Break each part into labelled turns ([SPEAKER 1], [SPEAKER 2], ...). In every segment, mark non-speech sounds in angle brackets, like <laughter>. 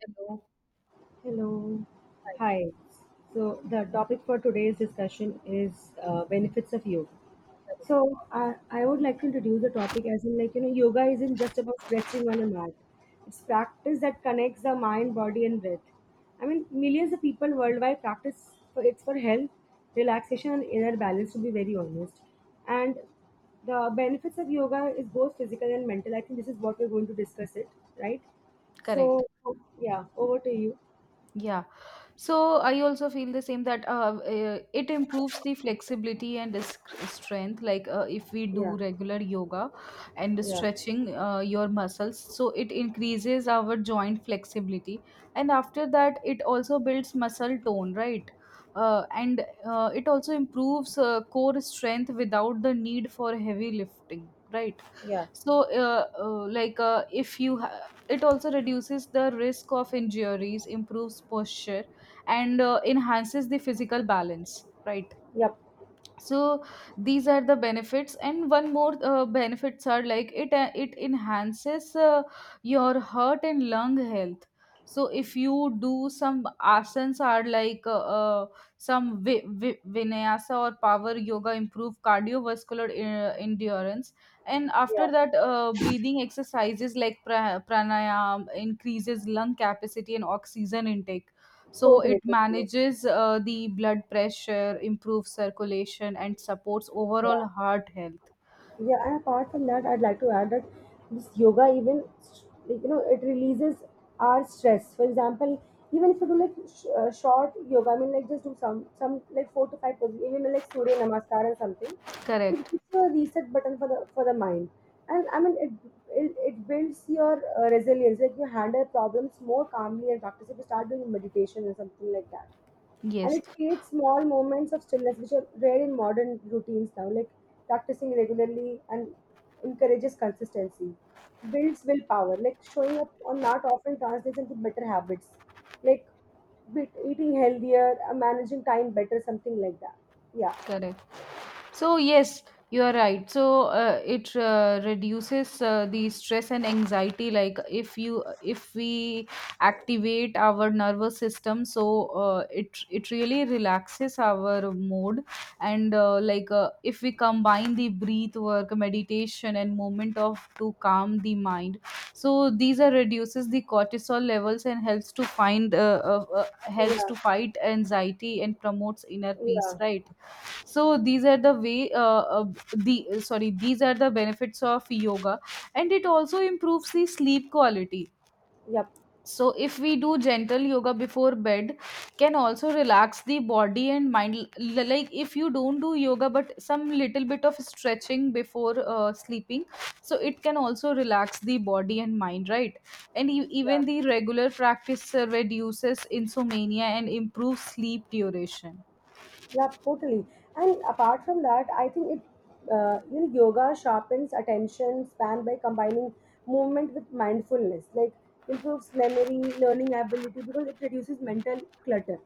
[SPEAKER 1] Hello.
[SPEAKER 2] Hello. Hi. So the topic for today's discussion is benefits of yoga. So I would like to introduce the topic as in like you know yoga isn't just about stretching on a mat. It's practice that connects the mind, body, and breath. I mean millions of people worldwide practice for it's for health, relaxation, and inner balance. To be very honest, and the benefits of yoga is both physical and mental. I think this is what we're going to discuss it, right? So
[SPEAKER 1] Correct.
[SPEAKER 2] yeah, over to you.
[SPEAKER 1] Yeah. So I also feel the same that it improves the flexibility and the strength. Like if we
[SPEAKER 2] Yeah.
[SPEAKER 1] do regular yoga and
[SPEAKER 2] Yeah,
[SPEAKER 1] stretching your muscles, so it increases our joint flexibility. And after that, it also builds muscle tone, right? And it also improves core strength without the need for heavy lifting, right?
[SPEAKER 2] yeah,
[SPEAKER 1] So, if you, ha- it also reduces the risk of injuries, improves posture and enhances the physical balance, right?
[SPEAKER 2] yep,
[SPEAKER 1] So these are the benefits, and one more benefits are like it enhances your heart and lung health. So if you do some asanas are like uh, some vinyasa or power yoga improve cardiovascular endurance. And after
[SPEAKER 2] yeah,
[SPEAKER 1] that, breathing exercises like pranayam increases lung capacity and oxygen intake. So
[SPEAKER 2] totally,
[SPEAKER 1] it
[SPEAKER 2] totally.
[SPEAKER 1] manages the blood pressure, improves circulation, and supports
[SPEAKER 2] Yeah,
[SPEAKER 1] overall heart health.
[SPEAKER 2] yeah. And apart from that, I'd like to add that this yoga even like you know it releases our stress. For example, even if you do like short yoga, I mean like just do some like 4 to 5 poses, even like Surya Namaskar and something, it
[SPEAKER 1] Correct.
[SPEAKER 2] gives you a reset button for the mind. And I mean it builds your resilience. Like you handle problems more calmly and practice if you start doing meditation or something like that, and
[SPEAKER 1] Yes,
[SPEAKER 2] it creates small moments of stillness which are rare in modern routines now, like practicing regularly and encourages consistency, builds willpower, like showing up on mat often translates into better habits, like eating healthier, managing time better, something like that. Yeah,
[SPEAKER 1] correct. So yes, you are right. So it reduces the stress and anxiety. Like if we activate our nervous system, so it really relaxes our mood. And like if we combine the breath work, meditation, and movement of to calm the mind, so these are reduces the cortisol levels and helps
[SPEAKER 2] yeah,
[SPEAKER 1] to fight anxiety and promotes inner peace.
[SPEAKER 2] yeah,
[SPEAKER 1] Right. So these are the way, the, sorry, these are the benefits of yoga, and it also improves the sleep quality.
[SPEAKER 2] yep.
[SPEAKER 1] So if we do gentle yoga before bed can also relax the body and mind. Like if you don't do yoga but some little bit of stretching before sleeping, so it can also relax the body and mind, right? And even the regular practice reduces insomnia and improves sleep duration.
[SPEAKER 2] Yeah, totally. And apart from that, I think it, you know, yoga sharpens attention span by combining movement with mindfulness, like improves memory, learning ability because it reduces mental clutter,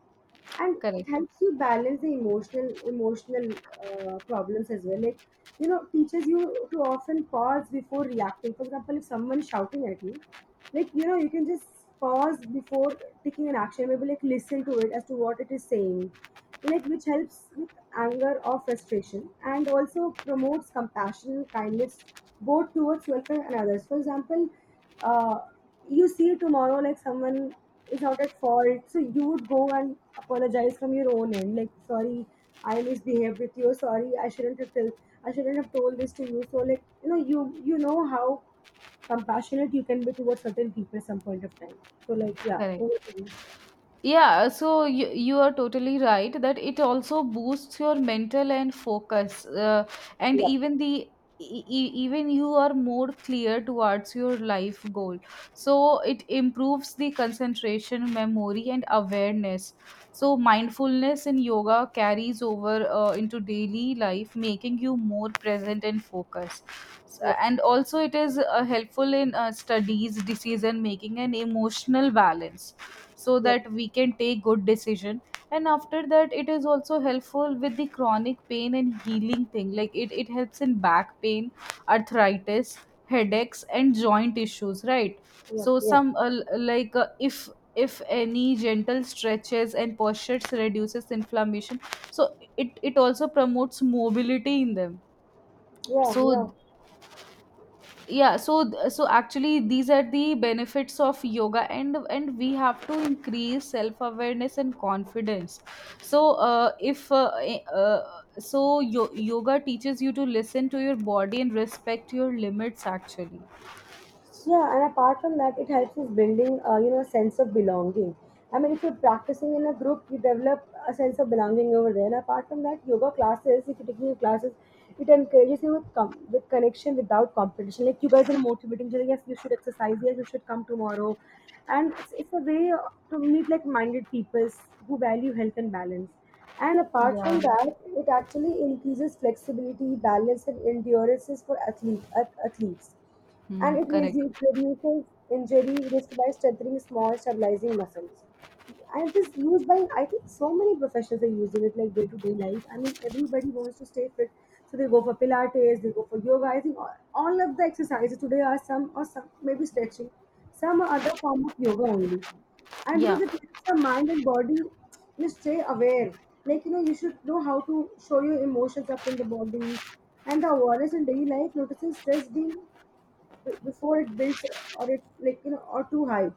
[SPEAKER 2] and it
[SPEAKER 1] Correct.
[SPEAKER 2] helps you balance the emotional problems as well, like you know, teaches you to often pause before reacting. For example, if someone is shouting at you, like you know, you can just pause before taking an action, maybe like listen to it as to what it is saying, like which helps with anger or frustration, and also promotes compassion and kindness, both towards yourself and others. For example, uh, you see tomorrow, like someone is not at fault, so you would go and apologize from your own end, like sorry, I misbehaved with you, sorry, I shouldn't have told this to you, so like you know, you know how compassionate you can be towards certain people at some point of time. So like yeah, over
[SPEAKER 1] Correct.
[SPEAKER 2] to you.
[SPEAKER 1] Yeah, so you are totally right that it also boosts your mental and focus, and
[SPEAKER 2] Yep,
[SPEAKER 1] even even you are more clear towards your life goal. So it improves the concentration, memory and awareness. So mindfulness in yoga carries over into daily life, making you more present and focused. S-
[SPEAKER 2] yep,
[SPEAKER 1] and also it is helpful in studies, decision making and emotional balance, so
[SPEAKER 2] yep,
[SPEAKER 1] that we can take good decision. And after that, it is also helpful with the chronic pain and healing thing. Like it helps in back pain, arthritis, headaches and joint issues, right?
[SPEAKER 2] yep,
[SPEAKER 1] So
[SPEAKER 2] yep.
[SPEAKER 1] some like if any gentle stretches and postures reduces inflammation, so it also promotes mobility in them.
[SPEAKER 2] Yeah,
[SPEAKER 1] so
[SPEAKER 2] yeah.
[SPEAKER 1] th- yeah, so actually these are the benefits of yoga, and we have to increase self awareness and confidence. So, if eh, yoga teaches you to listen to your body and respect your limits, actually.
[SPEAKER 2] Yeah, and apart from that, it helps us building, you know, a sense of belonging. I mean, if you're practicing in a group, you develop a sense of belonging over there. And apart from that, yoga classes, if you're taking your classes, it encourages you with, with connection without competition. Like you guys are motivating each other. Yes, you should exercise. Yes, you should come tomorrow. And it's a way to meet like-minded people who value health and balance. And apart from
[SPEAKER 1] Yeah.
[SPEAKER 2] that, it actually increases flexibility, balance, and endurance for athletes, and
[SPEAKER 1] Hmm,
[SPEAKER 2] it
[SPEAKER 1] correct.
[SPEAKER 2] reduces injury risk by strengthening small stabilizing muscles. And it is used by, I think, so many professionals are using it like day to day life. I mean, everybody wants to stay fit. So they go for Pilates, they go for yoga. I think all of the exercises today are some or some, maybe stretching, some or other form of yoga only. And because
[SPEAKER 1] Yeah,
[SPEAKER 2] it helps the mind and body to stay aware. Like, you know, you should know how to show your emotions up in the body, and the awareness in daily life, noticing stress being before it builds or it, like you know, or too high.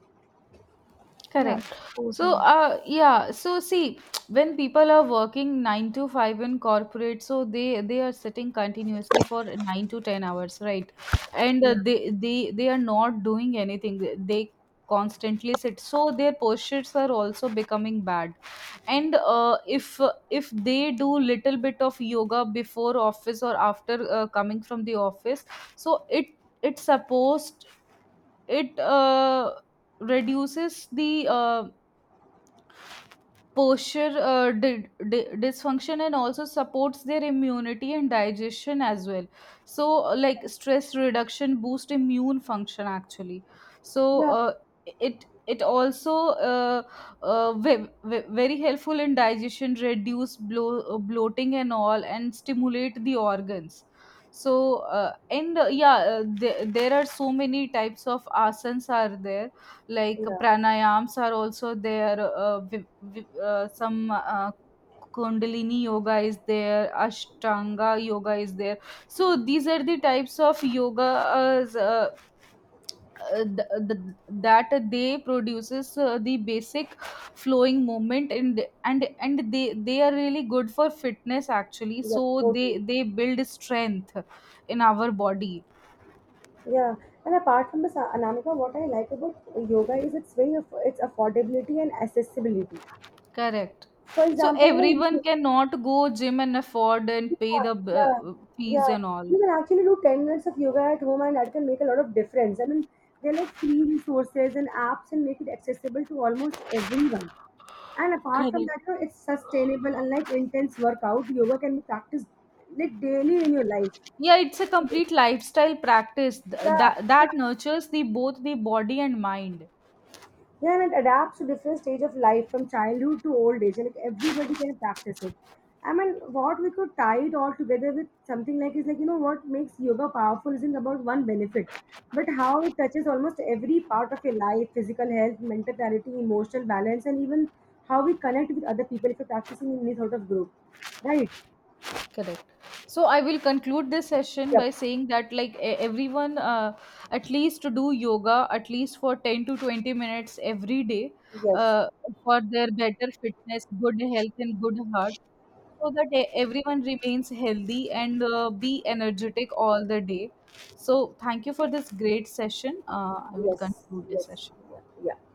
[SPEAKER 1] correct. So, yeah. So, see, <tsk> when people are working 9 to 5 in corporate, so they are sitting continuously for 9 to 10 hours, right? And
[SPEAKER 2] Yeah,
[SPEAKER 1] they are not doing anything. They constantly sit. So their postures are also becoming bad. And if they do little bit of yoga before office or after coming from the office, so it it's supposed it reduces the posture dysfunction and also supports their immunity and digestion as well. So like stress reduction boost immune function actually. So
[SPEAKER 2] yeah,
[SPEAKER 1] it also uh, very helpful in digestion, reduce bloating and all, and stimulate the organs. So uh, and uh, yeah, there are so many types of asanas are there, like
[SPEAKER 2] yeah,
[SPEAKER 1] pranayams are also there, some kundalini yoga is there, ashtanga yoga is there. So these are the types of yoga, uh, uh, that they produces the basic flowing movement, and they are really good for fitness, actually.
[SPEAKER 2] yeah,
[SPEAKER 1] So they
[SPEAKER 2] totally.
[SPEAKER 1] they build strength in our body.
[SPEAKER 2] Yeah, and apart from this, Anamika, what I like about yoga is it's affordability and accessibility.
[SPEAKER 1] Correct.
[SPEAKER 2] For
[SPEAKER 1] So
[SPEAKER 2] example, you
[SPEAKER 1] everyone
[SPEAKER 2] know,
[SPEAKER 1] cannot go gym and afford
[SPEAKER 2] yeah,
[SPEAKER 1] and pay the
[SPEAKER 2] yeah,
[SPEAKER 1] fees
[SPEAKER 2] yeah.
[SPEAKER 1] and all.
[SPEAKER 2] You can actually do 10 minutes of yoga at home, and that can make a lot of difference. I mean, they're like free resources and apps and make it accessible to almost everyone. And apart from
[SPEAKER 1] Correct.
[SPEAKER 2] that, you know, it's sustainable. Unlike intense workout, yoga can be practiced like daily in your life.
[SPEAKER 1] Yeah, it's a complete lifestyle practice th-
[SPEAKER 2] Yeah,
[SPEAKER 1] that
[SPEAKER 2] yeah.
[SPEAKER 1] that nurtures the both the body and mind.
[SPEAKER 2] Yeah, and it adapts to different stage of life, from childhood to old age, and like everybody can practice it. I mean, what we could tie it all together with something like is, like you know, what makes yoga powerful isn't about one benefit, but how it touches almost every part of your life: physical health, mental clarity, emotional balance, and even how we connect with other people if you're practicing in any sort of group, right?
[SPEAKER 1] Correct. So I will conclude this session
[SPEAKER 2] Yep.
[SPEAKER 1] by saying that like everyone at least to do yoga at least for 10 to 20 minutes every day
[SPEAKER 2] Yes.
[SPEAKER 1] uh, for their better fitness, good health and good heart. So that everyone remains healthy and be energetic all the day. So, thank you for this great session. I will
[SPEAKER 2] Yes.
[SPEAKER 1] conclude this
[SPEAKER 2] Yes.
[SPEAKER 1] session.
[SPEAKER 2] Yeah. Yeah.